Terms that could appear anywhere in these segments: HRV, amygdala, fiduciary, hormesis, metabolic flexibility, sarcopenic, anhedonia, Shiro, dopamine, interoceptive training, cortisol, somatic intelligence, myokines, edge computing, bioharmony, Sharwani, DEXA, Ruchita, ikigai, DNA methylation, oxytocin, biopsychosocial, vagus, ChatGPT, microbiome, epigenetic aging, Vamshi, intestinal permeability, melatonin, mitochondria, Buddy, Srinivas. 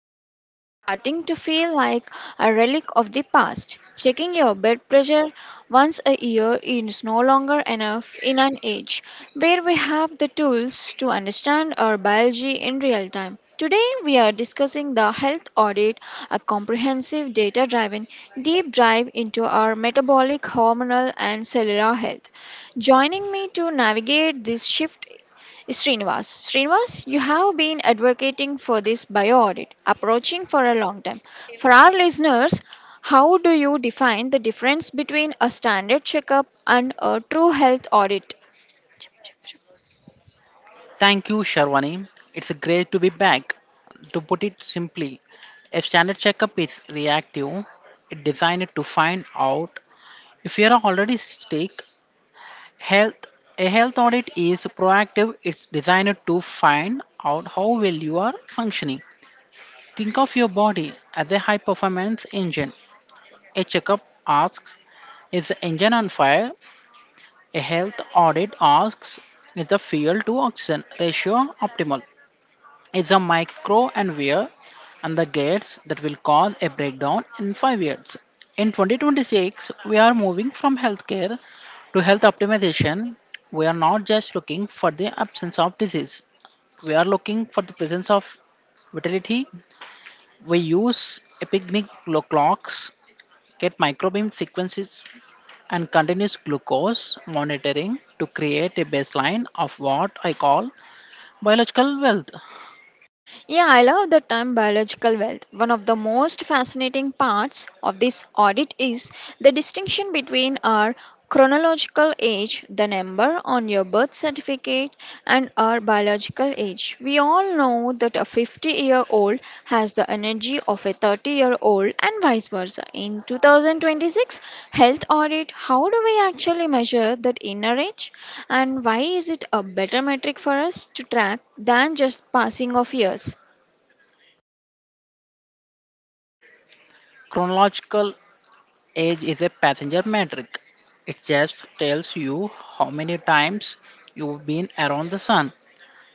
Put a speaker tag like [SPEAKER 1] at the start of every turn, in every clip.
[SPEAKER 1] physical is starting to feel like a relic of the past. Checking your blood pressure once a year is no longer enough in an age where we have the tools to understand our biology in real time. Today, we are discussing the health audit, a comprehensive data driven deep dive into our metabolic, hormonal, and cellular health. Joining me to navigate this shift is Srinivas. Srinivas, you have been advocating for this bio audit approaching for a long time. For our listeners, how do you define the difference between a standard checkup and a true health audit?
[SPEAKER 2] Thank you, Sharwani. It's great to be back. To put it simply, a standard checkup is reactive. It's designed to find out if you are already sick. Health a health audit is proactive. It's designed to find out how well you are functioning. Think of your body as a high performance engine. A checkup asks, is the engine on fire? A health audit asks, is the fuel to oxygen ratio optimal? It's a micro and wear and the gates that will cause a breakdown in 5 years. In 2026, we are moving from healthcare to health optimization. We are not just looking for the absence of disease, we are looking for the presence of vitality. We use epigenetic clocks, get microbeam sequences, and continuous glucose monitoring to create a baseline of what I call biological wealth.
[SPEAKER 1] Yeah, I love the term biological wealth. One of the most fascinating parts of this audit is the distinction between our chronological age, the number on your birth certificate, and our biological age. We all know that a 50-year-old has the energy of a 30-year-old, and vice versa. In 2026 health audit, how do we actually measure that inner age? And why is it a better metric for us to track than just passing of years?
[SPEAKER 2] Chronological age is a passenger metric. It just tells you how many times you've been around the sun.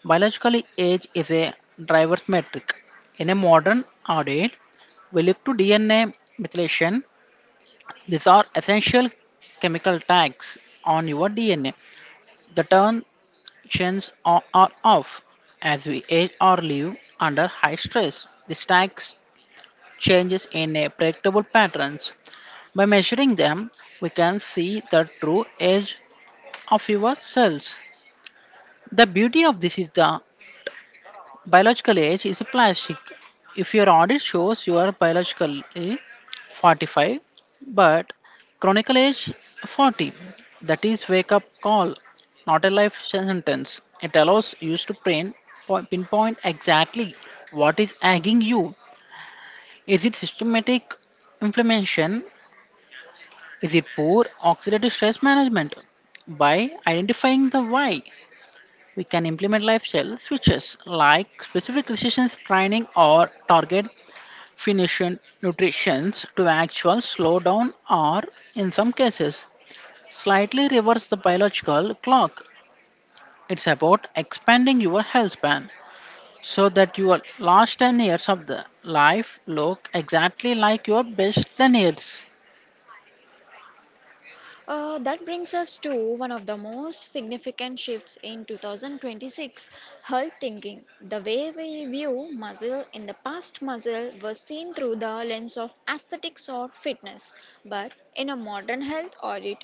[SPEAKER 2] Biologically, age is a driver's metric. In a modern audit, we look to DNA methylation. These are essential chemical tags on your DNA. The turn chains on or off as we age or live under high stress. These tags changes in a predictable patterns. By measuring them, we can see the true age of your cells. The beauty of this is the biological age is a plastic. If your audit shows you are biologically 45 but chronical age 40, that is wake up call, not a life sentence. It allows you to pinpoint exactly what is nagging you. Is it systematic inflammation? Is it poor oxidative stress management? By identifying the why, we can implement lifestyle switches like specific resistance training or target finishing nutrition to actual slow down or, in some cases, slightly reverse the biological clock. It's about expanding your health span so that your last 10 years of the life look exactly like your best 10 years.
[SPEAKER 1] That brings us to one of the most significant shifts in 2026 health thinking. The way we view muscle in the past, muscle was seen through the lens of aesthetics or fitness. But in a modern health audit,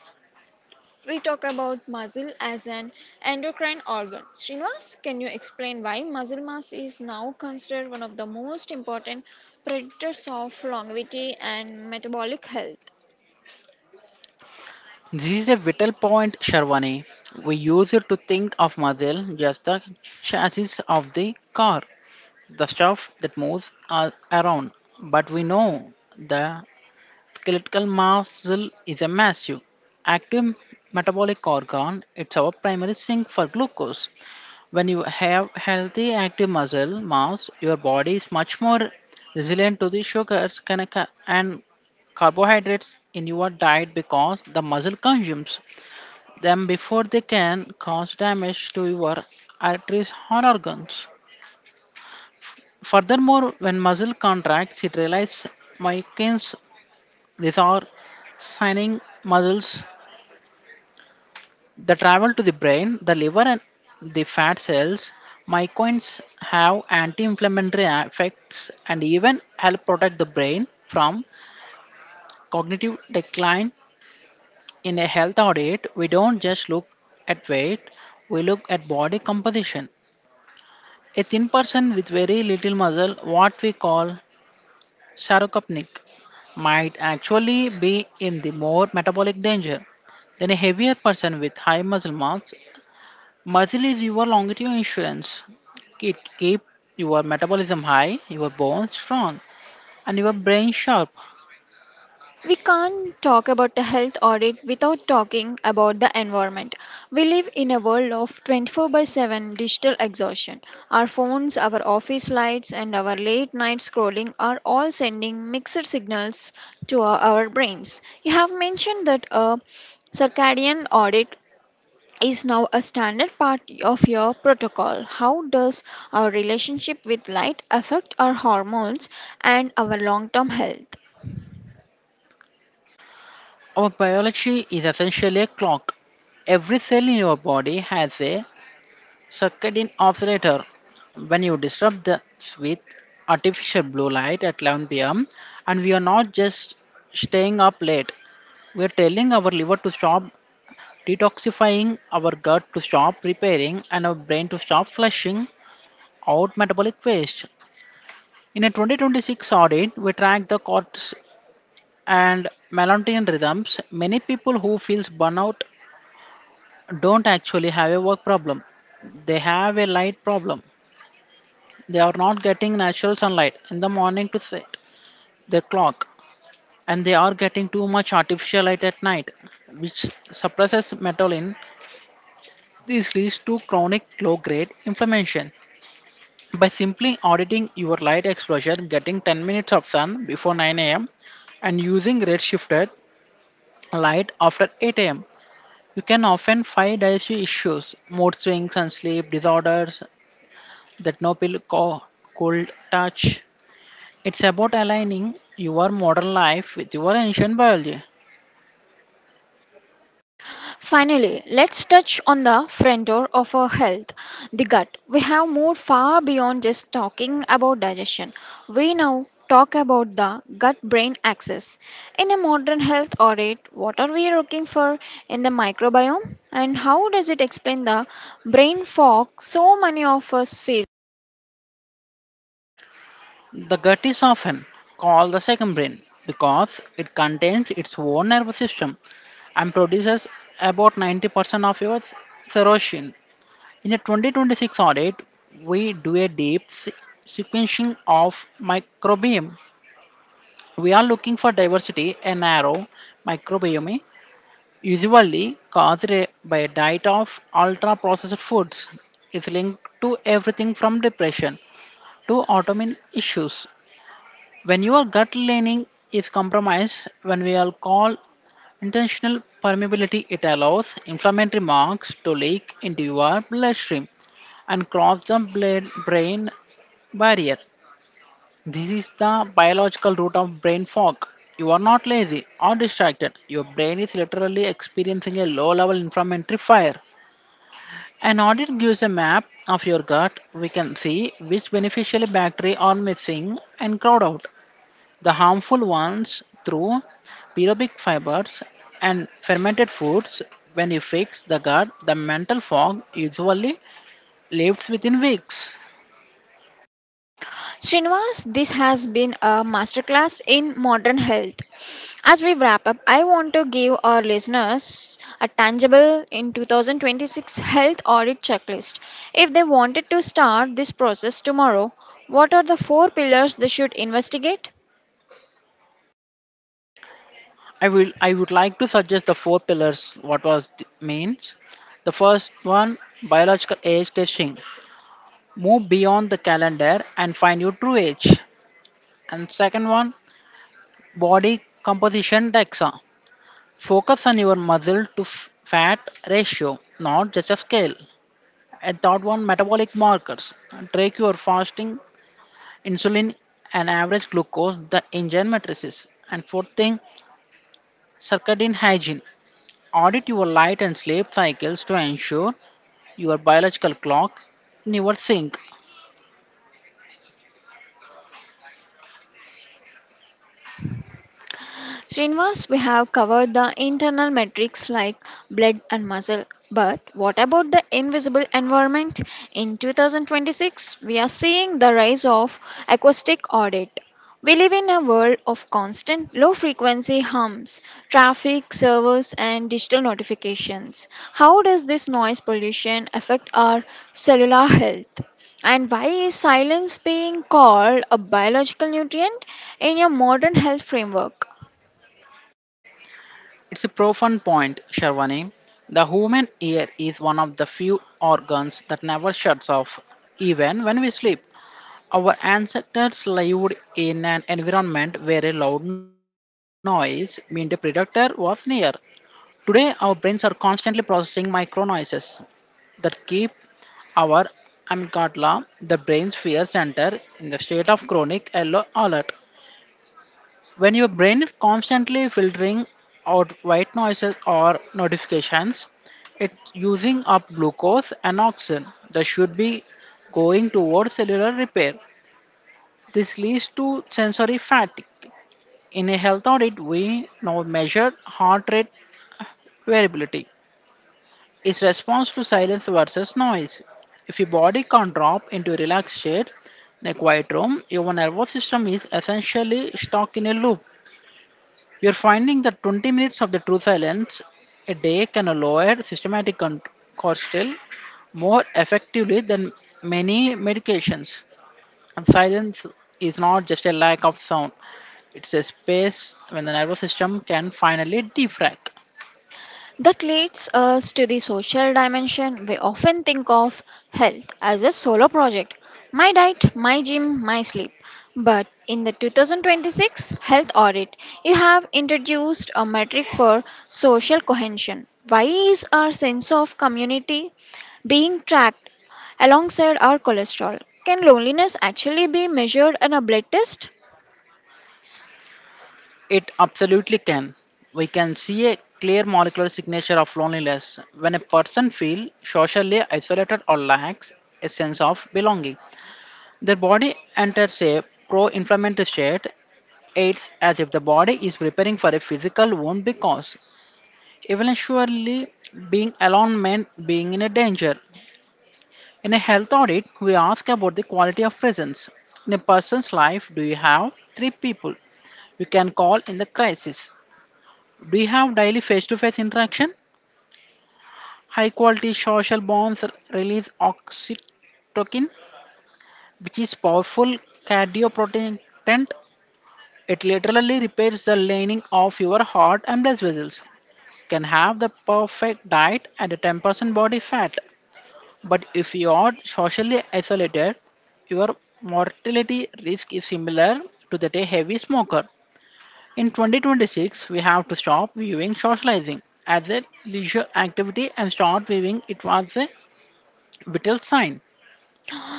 [SPEAKER 1] we talk about muscle as an endocrine organ. Srinivas, can you explain why muscle mass is now considered one of the most important predictors of longevity and metabolic health?
[SPEAKER 2] This is a vital point, Sharwani. We use it to think of muscle just the chassis of the car, the stuff that moves around. But we know the skeletal muscle is a massive, active metabolic organ. It's our primary sink for glucose. When you have healthy active muscle mass, your body is much more resilient to the sugars and carbohydrates in your diet because the muscle consumes them before they can cause damage to your arteries or organs. Furthermore, when muscle contracts, it releases myokines. These are signaling muscles that travel to the brain, the liver, and the fat cells. Myokines have anti-inflammatory effects and even help protect the brain from cognitive decline. In a health audit, we don't just look at weight; we look at body composition. A thin person with very little muscle, what we call sarcopenic, might actually be in the more metabolic danger than a heavier person with high muscle mass. Muscle is your longevity insurance. It keeps your metabolism high, your bones strong, and your brain sharp.
[SPEAKER 1] We can't talk about a health audit without talking about the environment. We live in a world of 24 by 7 digital exhaustion. Our phones, our office lights, and our late night scrolling are all sending mixed signals to our brains. You have mentioned that a circadian audit is now a standard part of your protocol. How does our relationship with light affect our hormones and our long term health?
[SPEAKER 2] Our biology is essentially a clock. Every cell in your body has a circadian oscillator. When you disrupt the with artificial blue light at 11 p.m., and we are not just staying up late, we are telling our liver to stop detoxifying, our gut to stop repairing, and our brain to stop flushing out metabolic waste. In a 2026 audit, we tracked the cortis and melatonin rhythms. Many people who feels burnout don't actually have a work problem; they have a light problem. They are not getting natural sunlight in the morning to set their clock, and they are getting too much artificial light at night, which suppresses melanin. This leads to chronic low grade inflammation. By simply auditing your light exposure, getting 10 minutes of sun before 9 a.m., and using red shifted light after 8 a.m., you can often find digestive issues, mood swings, and sleep disorders that no pill could touch. It's about aligning your modern life with your ancient biology.
[SPEAKER 1] Finally, let's touch on the front door of our health, the gut. We have moved far beyond just talking about digestion. We now talk about the gut brain axis. In a modern health audit, what are we looking for in the microbiome and how does it explain the brain fog so many of us feel?
[SPEAKER 2] The gut is often called the second brain because it contains its own nervous system and produces about 90% of your serotonin. In a 2026 audit, we do a deep sequencing of microbiome. We are looking for diversity in narrow microbiome usually caused by a diet of ultra processed foods, is linked to everything from depression to autoimmune issues. When your gut lining is compromised, when we all call intentional permeability, it allows inflammatory marks to leak into your bloodstream and cross the blood brain barrier. This is the biological root of brain fog. You are not lazy or distracted. Your brain is literally experiencing a low level inflammatory fire. An audit gives a map of your gut. We can see which beneficial bacteria are missing and crowd out the harmful ones through pyrobic fibers and fermented foods. When you fix the gut, the mental fog usually lifts within weeks.
[SPEAKER 1] Srinivas, this has been a masterclass in modern health. As we wrap up, I want to give our listeners a tangible in 2026 health audit checklist. If they wanted to start this process tomorrow, what are the four pillars they should investigate?
[SPEAKER 2] I would like to suggest the four pillars what was means. The first one, biological age testing. Move beyond the calendar and find your true age. And second one, body composition DEXA. Focus on your muscle to fat ratio, not just a scale. And third one, metabolic markers. Track your fasting insulin and average glucose, the engine matrices. And fourth thing, circadian hygiene. Audit your light and sleep cycles to ensure your biological clock never sync.
[SPEAKER 1] Srinivas, we have covered the internal metrics like blood and muscle, but what about the invisible environment? In 2026, we are seeing the rise of acoustic audit. We live in a world of constant low frequency hums, traffic, servers, and digital notifications. How does this noise pollution affect our cellular health? And why is silence being called a biological nutrient in your modern health framework?
[SPEAKER 2] It's a profound point, Sharwani. The human ear is one of the few organs that never shuts off, even when we sleep. Our ancestors lived in an environment where a loud noise meant a predator was near. Today, our brains are constantly processing micro noises that keep our amygdala, the brain's fear center, in the state of chronic yellow alert. When your brain is constantly filtering out white noises or notifications, it's using up glucose and oxygen that should be going towards cellular repair. This leads to sensory fatigue. In a health audit, we now measure heart rate variability, its response to silence versus noise. If your body can't drop into a relaxed state in a quiet room, your nervous system is essentially stuck in a loop. You're finding that 20 minutes of the true silence a day can lower systematic cortisol more effectively than many medications. And silence is not just a lack of sound, it's a space when the nervous system can finally defrag.
[SPEAKER 1] That leads us to the social dimension. We often think of health as a solo project, my diet, my gym, my sleep. But in the 2026 health audit, you have introduced a metric for social cohesion. Why is our sense of community being tracked alongside our cholesterol? Can loneliness actually be measured in a blood test?
[SPEAKER 2] It absolutely can. We can see a clear molecular signature of loneliness when a person feels socially isolated or lacks a sense of belonging. Their body enters a pro inflammatory state. It's as if the body is preparing for a physical wound because eventually being alone meant being in a danger. In a health audit, we ask about the quality of presence. In a person's life, do you have three people you can call in the crisis? Do you have daily face to face interaction? High quality social bonds release oxytocin, which is powerful cardioprotectant. It literally repairs the lining of your heart and blood vessels. Can have the perfect diet and a 10% body fat, but if you are socially isolated, your mortality risk is similar to that a heavy smoker. In 2026, we have to stop viewing socializing as a leisure activity and start viewing it as a vital sign.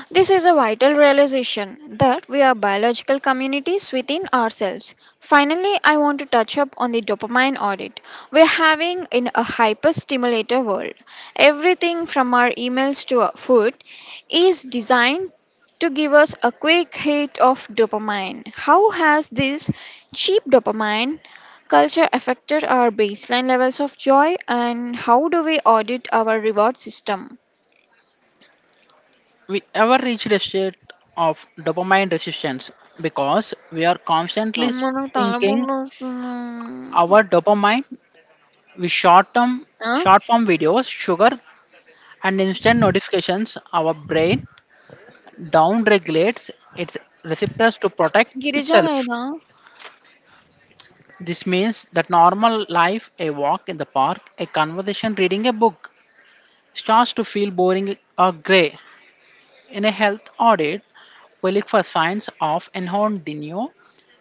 [SPEAKER 1] This is a vital realization that we are biological communities within ourselves. Finally, I want to touch up on the dopamine audit we're having in a hyperstimulator world. Everything from our emails to our food is designed to give us a quick hit of dopamine. How has this cheap dopamine culture affected our baseline levels of joy and how do we audit our reward system?
[SPEAKER 2] We ever reached a state of dopamine resistance because we are constantly
[SPEAKER 1] అమ్మ! నాకు
[SPEAKER 2] thinking
[SPEAKER 1] తలపుట్టొస్తుంది.
[SPEAKER 2] our dopamine, we short term
[SPEAKER 1] ఆ!
[SPEAKER 2] short form videos, sugar and instant notifications, our brain down regulates its receptors to protect
[SPEAKER 1] Girija
[SPEAKER 2] itself.
[SPEAKER 1] లేదా?
[SPEAKER 2] This means that normal life, a walk in the park, a conversation reading a book, starts to feel boring or grey. In a health audit, we look for signs of enhanced dinio,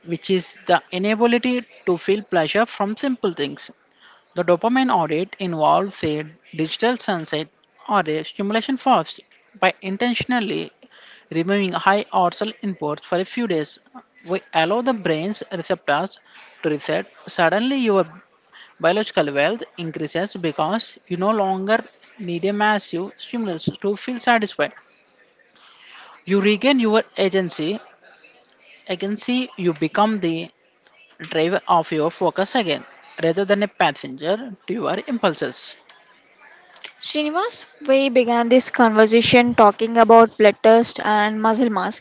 [SPEAKER 2] which is the inability to feel pleasure from simple things. The dopamine audit involves a digital sunset or a stimulation fast by intentionally removing high arousal inputs for a few days. We allow the brain's receptors to reset. Suddenly, your biological wealth increases because you no longer need a massive stimulus to feel satisfied. You regain your agency. Agency, you become the driver of your focus again rather than a passenger to your impulses.
[SPEAKER 1] Srinivas, we began this conversation talking about blood test and muscle mass,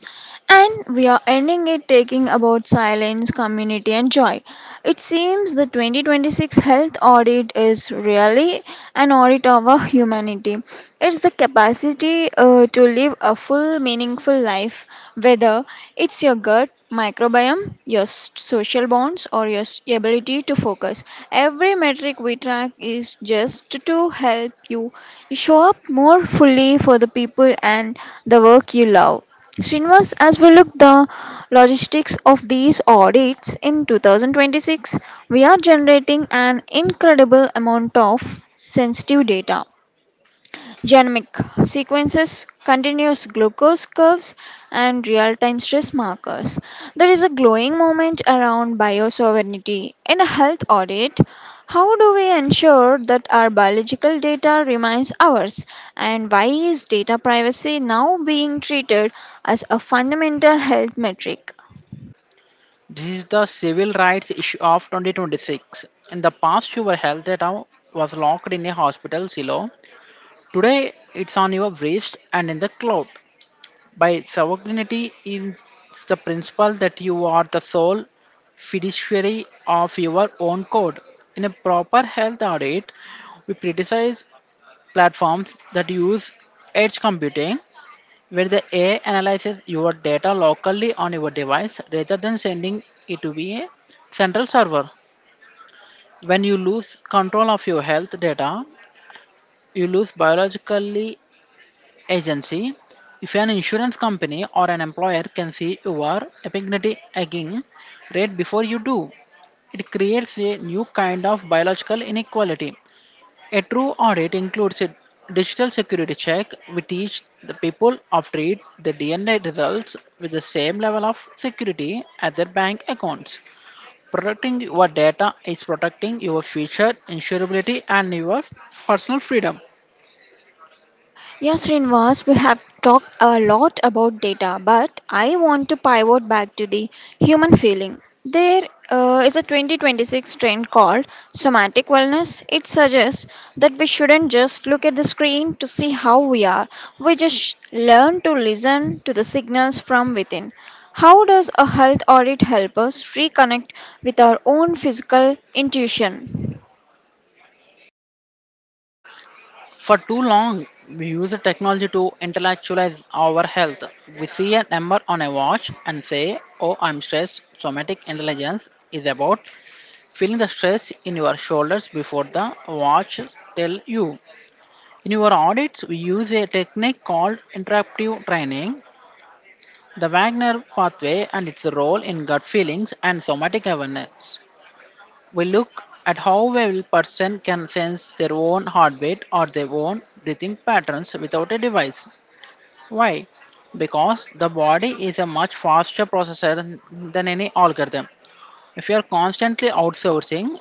[SPEAKER 1] and we are ending it taking about silence, community, and joy. It seems the 2026 health audit is really an audit of our humanity. It's the capacity ability to live a full, meaningful life, whether it's your gut microbiome, your social bonds, or your ability to focus. Every metric we track is just to help you show up more fully for the people and the work you love. Srinivas, as we look the logistics of these audits in 2026, we are generating an incredible amount of sensitive data, genomic sequences, continuous glucose curves, and real time stress markers. There is a glowing moment around biosovereignty. In a health audit, how do we ensure that our biological data remains ours? And why is data privacy now being treated as a fundamental health metric?
[SPEAKER 2] This is the civil rights issue of 2026. In the past, your health data was locked in a hospital silo. Today, it's on your wrist and in the cloud. By sovereignty is the principle that you are the sole fiduciary of your own code. In a proper health audit, we criticize platforms that use edge computing where the AI analyzes your data locally on your device rather than sending it to be a central server. When you lose control of your health data, you lose biologically agency. If an insurance company or an employer can see your epigenetic aging rate before you do, it creates a new kind of biological inequality. A true audit includes a digital security check. We teach the people of trade the DNA results with the same level of security as their bank accounts. Protecting your data is protecting your future, insurability, and your personal freedom.
[SPEAKER 1] Yes, Srinivas, we have talked a lot about data, but I want to pivot back to the human feeling. There is a 2026 trend called somatic wellness. It suggests that we shouldn't just look at the screen to see how we are, we just learn to listen to the signals from within. How does a health audit help us reconnect with our own physical intuition?
[SPEAKER 2] For too long, we use the technology to intellectualize our health. We see a number on a watch and say, "Oh, I'm stressed." Somatic intelligence is about feeling the stress in your shoulders before the watch tell you. In your audits, we use a technique called interruptive training, the Wagner pathway and its role in gut feelings and somatic awareness. We look at how well person can sense their own heartbeat or their own breathing patterns without a device. Why? Because the body is a much faster processor than any algorithm. If you are constantly outsourcing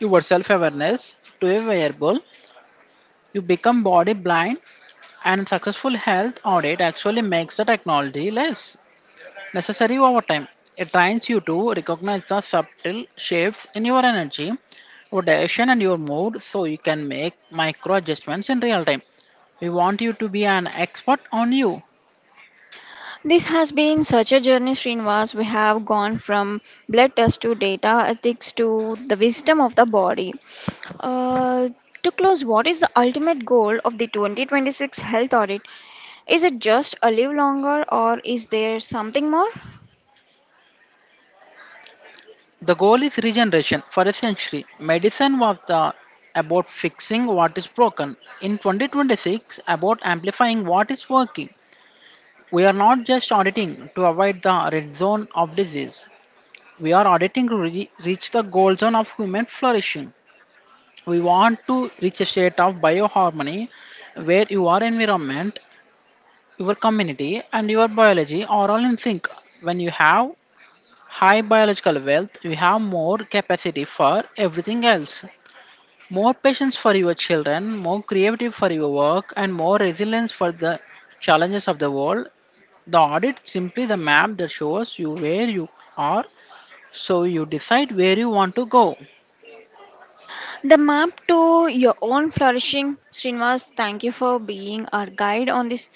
[SPEAKER 2] your self awareness to a wearable, you become body blind, and successful health audit actually makes the technology less necessary over time. It trains you to recognize the subtle shifts in your energy, your direction, and your mood so you can make micro adjustments in real time. We want you to be an expert on you.
[SPEAKER 1] This has been such a journey, Srinivas. We have gone from blood test to data ethics to the wisdom of the body. Uh, to close, what is the ultimate goal of the 2026 health audit? Is it just a live longer, or is there something more?
[SPEAKER 2] The goal is regeneration. For a century, medicine was the about fixing what is broken. In 2026, about amplifying what is working. We are not just auditing to avoid the red zone of disease. We are auditing to reach the gold zone of human flourishing. We want to reach a state of bioharmony where your environment, your community, and your biology are all in sync. When you have high biological wealth, you have more capacity for everything else. More patience for your children, more creative for your work, and more resilience for the challenges of the world. The audit simply the map that shows you where you are, so you decide where you want to go.
[SPEAKER 1] The map to your own flourishing. Srinivas, thank you for being our guide on this.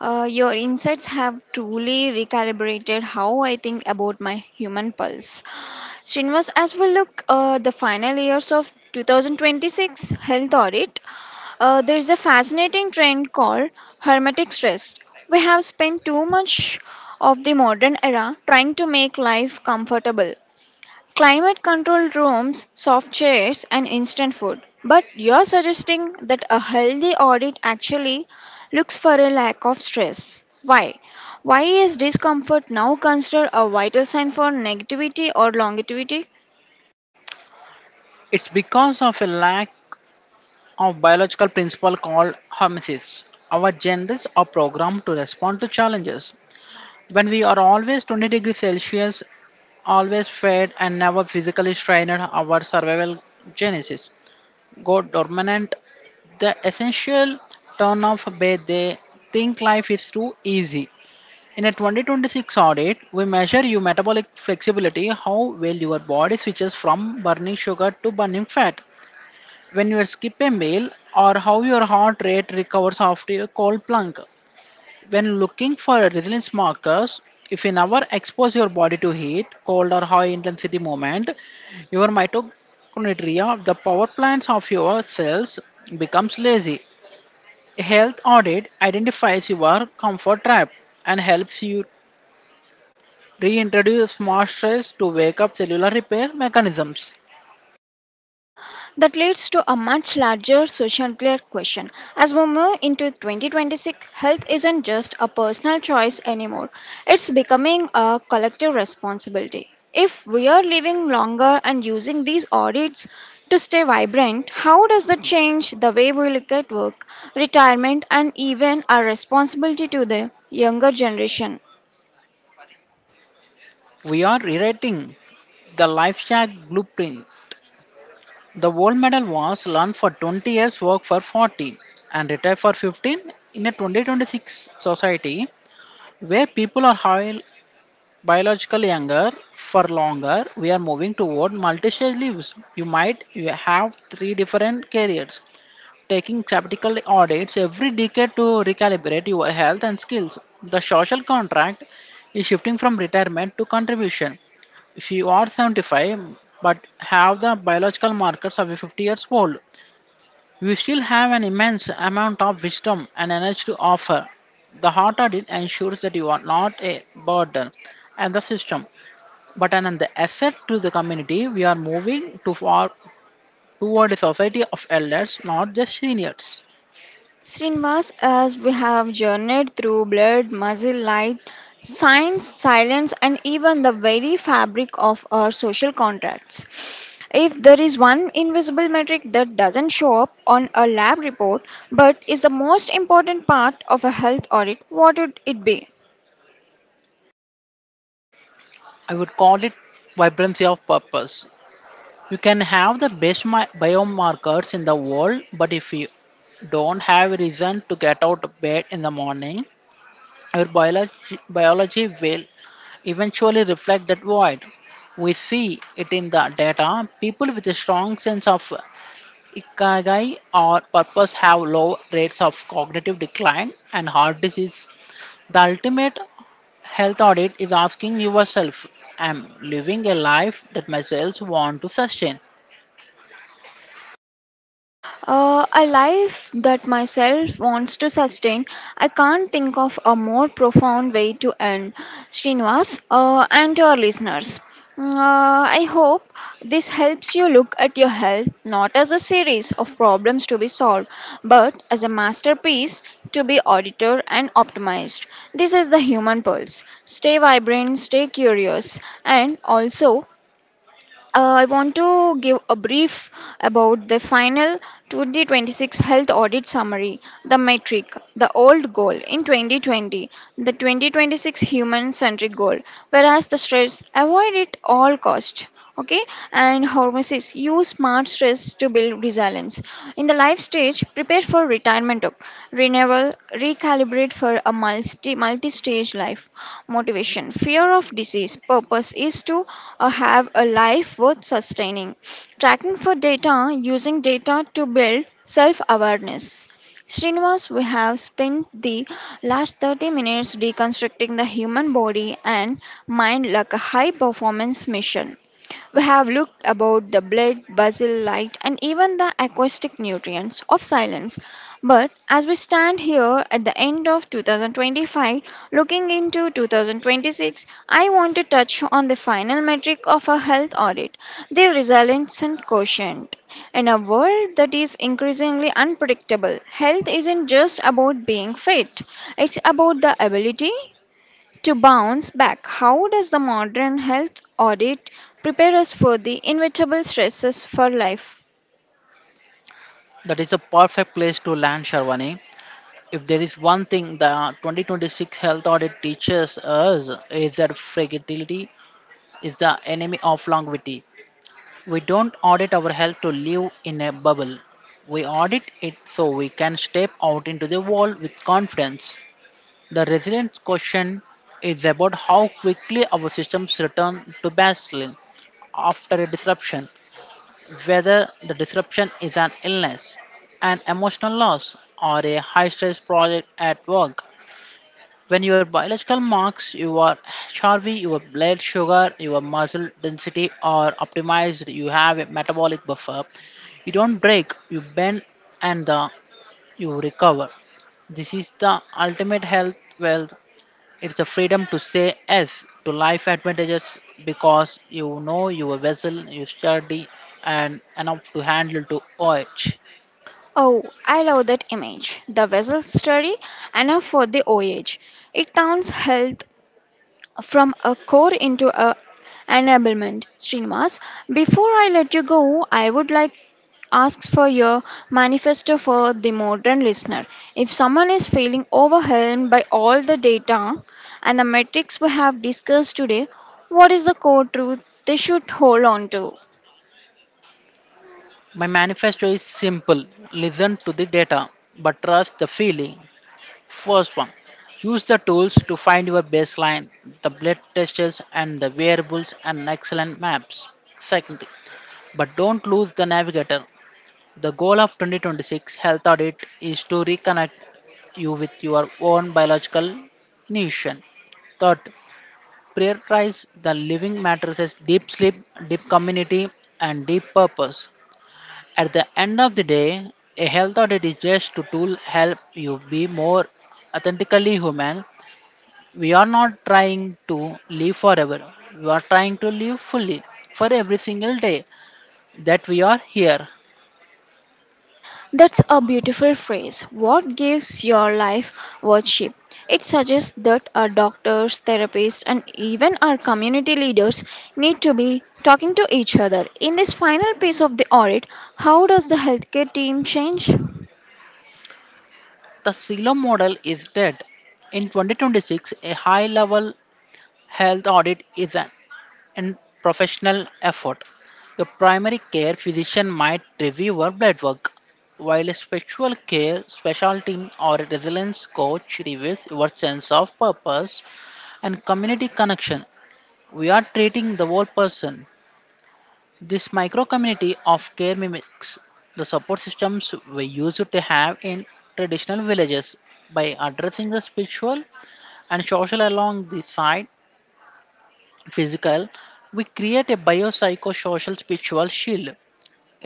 [SPEAKER 1] Your insights have truly recalibrated how I think about my human pulse. Srinivas, as we look the final years of 2026 health audit, there is a fascinating trend called hermetic stress. We have spent too much of the modern era trying to make life comfortable. Climate controlled rooms, soft chairs, and instant food. But you're suggesting that a healthy audit actually looks for a lack of stress. Why? Why is discomfort now considered a vital sign for negativity or longevity?
[SPEAKER 2] It's because of a lack of biological principle called hormesis. Our genes are programmed to respond to challenges. When we are always 20 degrees Celsius, always fed and never physically strained, our survival genesis go dormant. The essential turn off where they think life is too easy. In a 2026 audit, we measure your metabolic flexibility, how well your body switches from burning sugar to burning fat when you skip a meal or how your heart rate recovers after a cold plunge. When looking for resilience markers, if you never expose your body to heat, cold or high intensity movement, your mitochondria, the power plants of your cells, becomes lazy. A health audit identifies your comfort trap and helps you reintroduce smart stress to wake up cellular repair mechanisms.
[SPEAKER 1] That leads to a much larger social question. As we move into 2026, health isn't just a personal choice anymore, it's becoming a collective responsibility. If we are living longer and using these audits to stay vibrant, how does that change the way we look at work, retirement, and even our responsibility to the younger generation?
[SPEAKER 2] We are rewriting the life shack blueprint. The gold medal was learned for 20 years, work for 40, and retire for 15 in a 2026 society where people are high, biologically younger for longer. We are moving toward multi-stage lives. You might you have three different careers, taking sabbatical audits every decade to recalibrate your health and skills. The social contract is shifting from retirement to contribution. If you are 75 but have the biological markers of a 50 years old, you still have an immense amount of wisdom and energy to offer. The heart audit ensures that you are not a burden and the system, but an asset to the community. We are moving to far toward a society of elders, not just seniors.
[SPEAKER 1] Srinivas, as we have journeyed through blood, muscle, light, science, silence, and even the very fabric of our social contracts. If there is one invisible metric that doesn't show up on a lab report but is the most important part of a health audit, what would it be?
[SPEAKER 2] I would call it vibrancy of purpose. You can have the best biomarkers in the world, but if you don't have a reason to get out of bed in the morning, our biology will eventually reflect that void. We see it in the data. People with a strong sense of ikigai or purpose have low rates of cognitive decline and heart disease. The ultimate health audit is asking yourself, "Am living a life that myself want to sustain?"
[SPEAKER 1] A life that myself wants to sustain. I can't think of a more profound way to end. Srinivas and to our listeners. I hope this helps you look at your health not as a series of problems to be solved, but as a masterpiece to be audited and optimized. This is the human pulse. Stay vibrant, stay curious, and also I want to give a brief about the final 2026 health audit summary, the metric, the old goal in 2020, the 2026 human centric goal, whereas the stress avoid at all cost, okay, and hormesis use smart stress to build resilience in the life stage prepare for retirement, ok, renewal recalibrate for a multi-stage life, motivation fear of disease purpose is to have a life worth sustaining, tracking for data, using data to build self-awareness. Srinivas, we have spent the last 30 minutes deconstructing the human body and mind like a high performance mission. We have looked about the blood, basil, light, and even the acoustic nutrients of silence. But as we stand here at the end of 2025, looking into 2026, I want to touch on the final metric of a health audit, the resilience quotient. In a world that is increasingly unpredictable, health isn't just about being fit, it's about the ability to bounce back. How does the modern health audit prepare us for the inevitable stresses for life?
[SPEAKER 2] That is a perfect place to land, Sharwani. If there is one thing the 2026 health audit teaches us is that fragility is the enemy of longevity. We don't audit our health to live in a bubble. We audit it so we can step out into the world with confidence. The resilience question is about how quickly our systems return to baseline after a disruption, whether the disruption is an illness, an emotional loss, or a high stress project at work. When your biological marks, your HRV, your blood sugar, your muscle density are optimized, you have a metabolic buffer. You don't break, you bend and you recover. This is the ultimate health wealth. It's the freedom to say yes to life advantages because you know your vessel, you sturdy and enough to handle to urge.
[SPEAKER 1] Oh, I love that image. The vessel study, enough for the OH. It crowns health from a core into a enablement. Srinivas, before I let you go, I would like asks for your manifesto for the modern listener. If someone is feeling overwhelmed by all the data and the metrics we have discussed today, what is the core truth they should hold on to?
[SPEAKER 2] My manifesto is simple: listen to the data, but trust the feeling. First one, use the tools to find your baseline, the blood tests and the variables and excellent maps. Second thing, but don't lose the navigator. The goal of 2026 health audit is to reconnect you with your own biological nation. Third, prioritize the living matters as deep sleep, deep community, and deep purpose. At the end of the day, a health audit is just a tool help you be more authentically human. We are not trying to live forever. We are trying to live fully for every single day that we are here.
[SPEAKER 1] That's a beautiful phrase. What gives your life worship? It suggests that our doctors, therapists, and even our community leaders need to be talking to each other. In this final piece of the audit, how does the healthcare team change?
[SPEAKER 2] The silo model is dead. In 2026, a high level health audit is an professional effort. Your primary care physician might review your blood work, while a spiritual care specialty or a resilience coach reviews your sense of purpose and community connection. We are treating the whole person. This micro community of care mimics the support systems we used to have in traditional villages. By addressing the spiritual and social along the side physical, we create a biopsychosocial spiritual shield.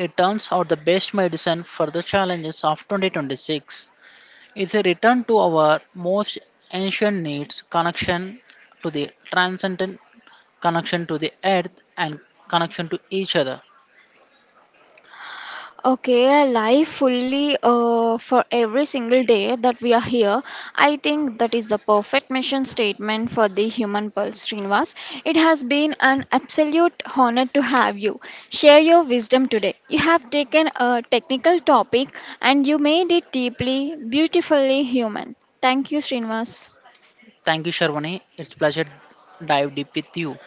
[SPEAKER 2] It turns out the best medicine for the challenges of 2026 is a return to our most ancient needs: connection to the transcendent, connection to the earth, and connection to each other.
[SPEAKER 1] Okay, life fully for every single day that we are here. I think that is the perfect mission statement for the human pulse, Srinivas. It has been an absolute honor to have you. Share your wisdom today. You have taken a technical topic and you made it deeply, beautifully human. Thank you, Srinivas.
[SPEAKER 2] Thank you, Sharwani. It's pleasure dive deep with you.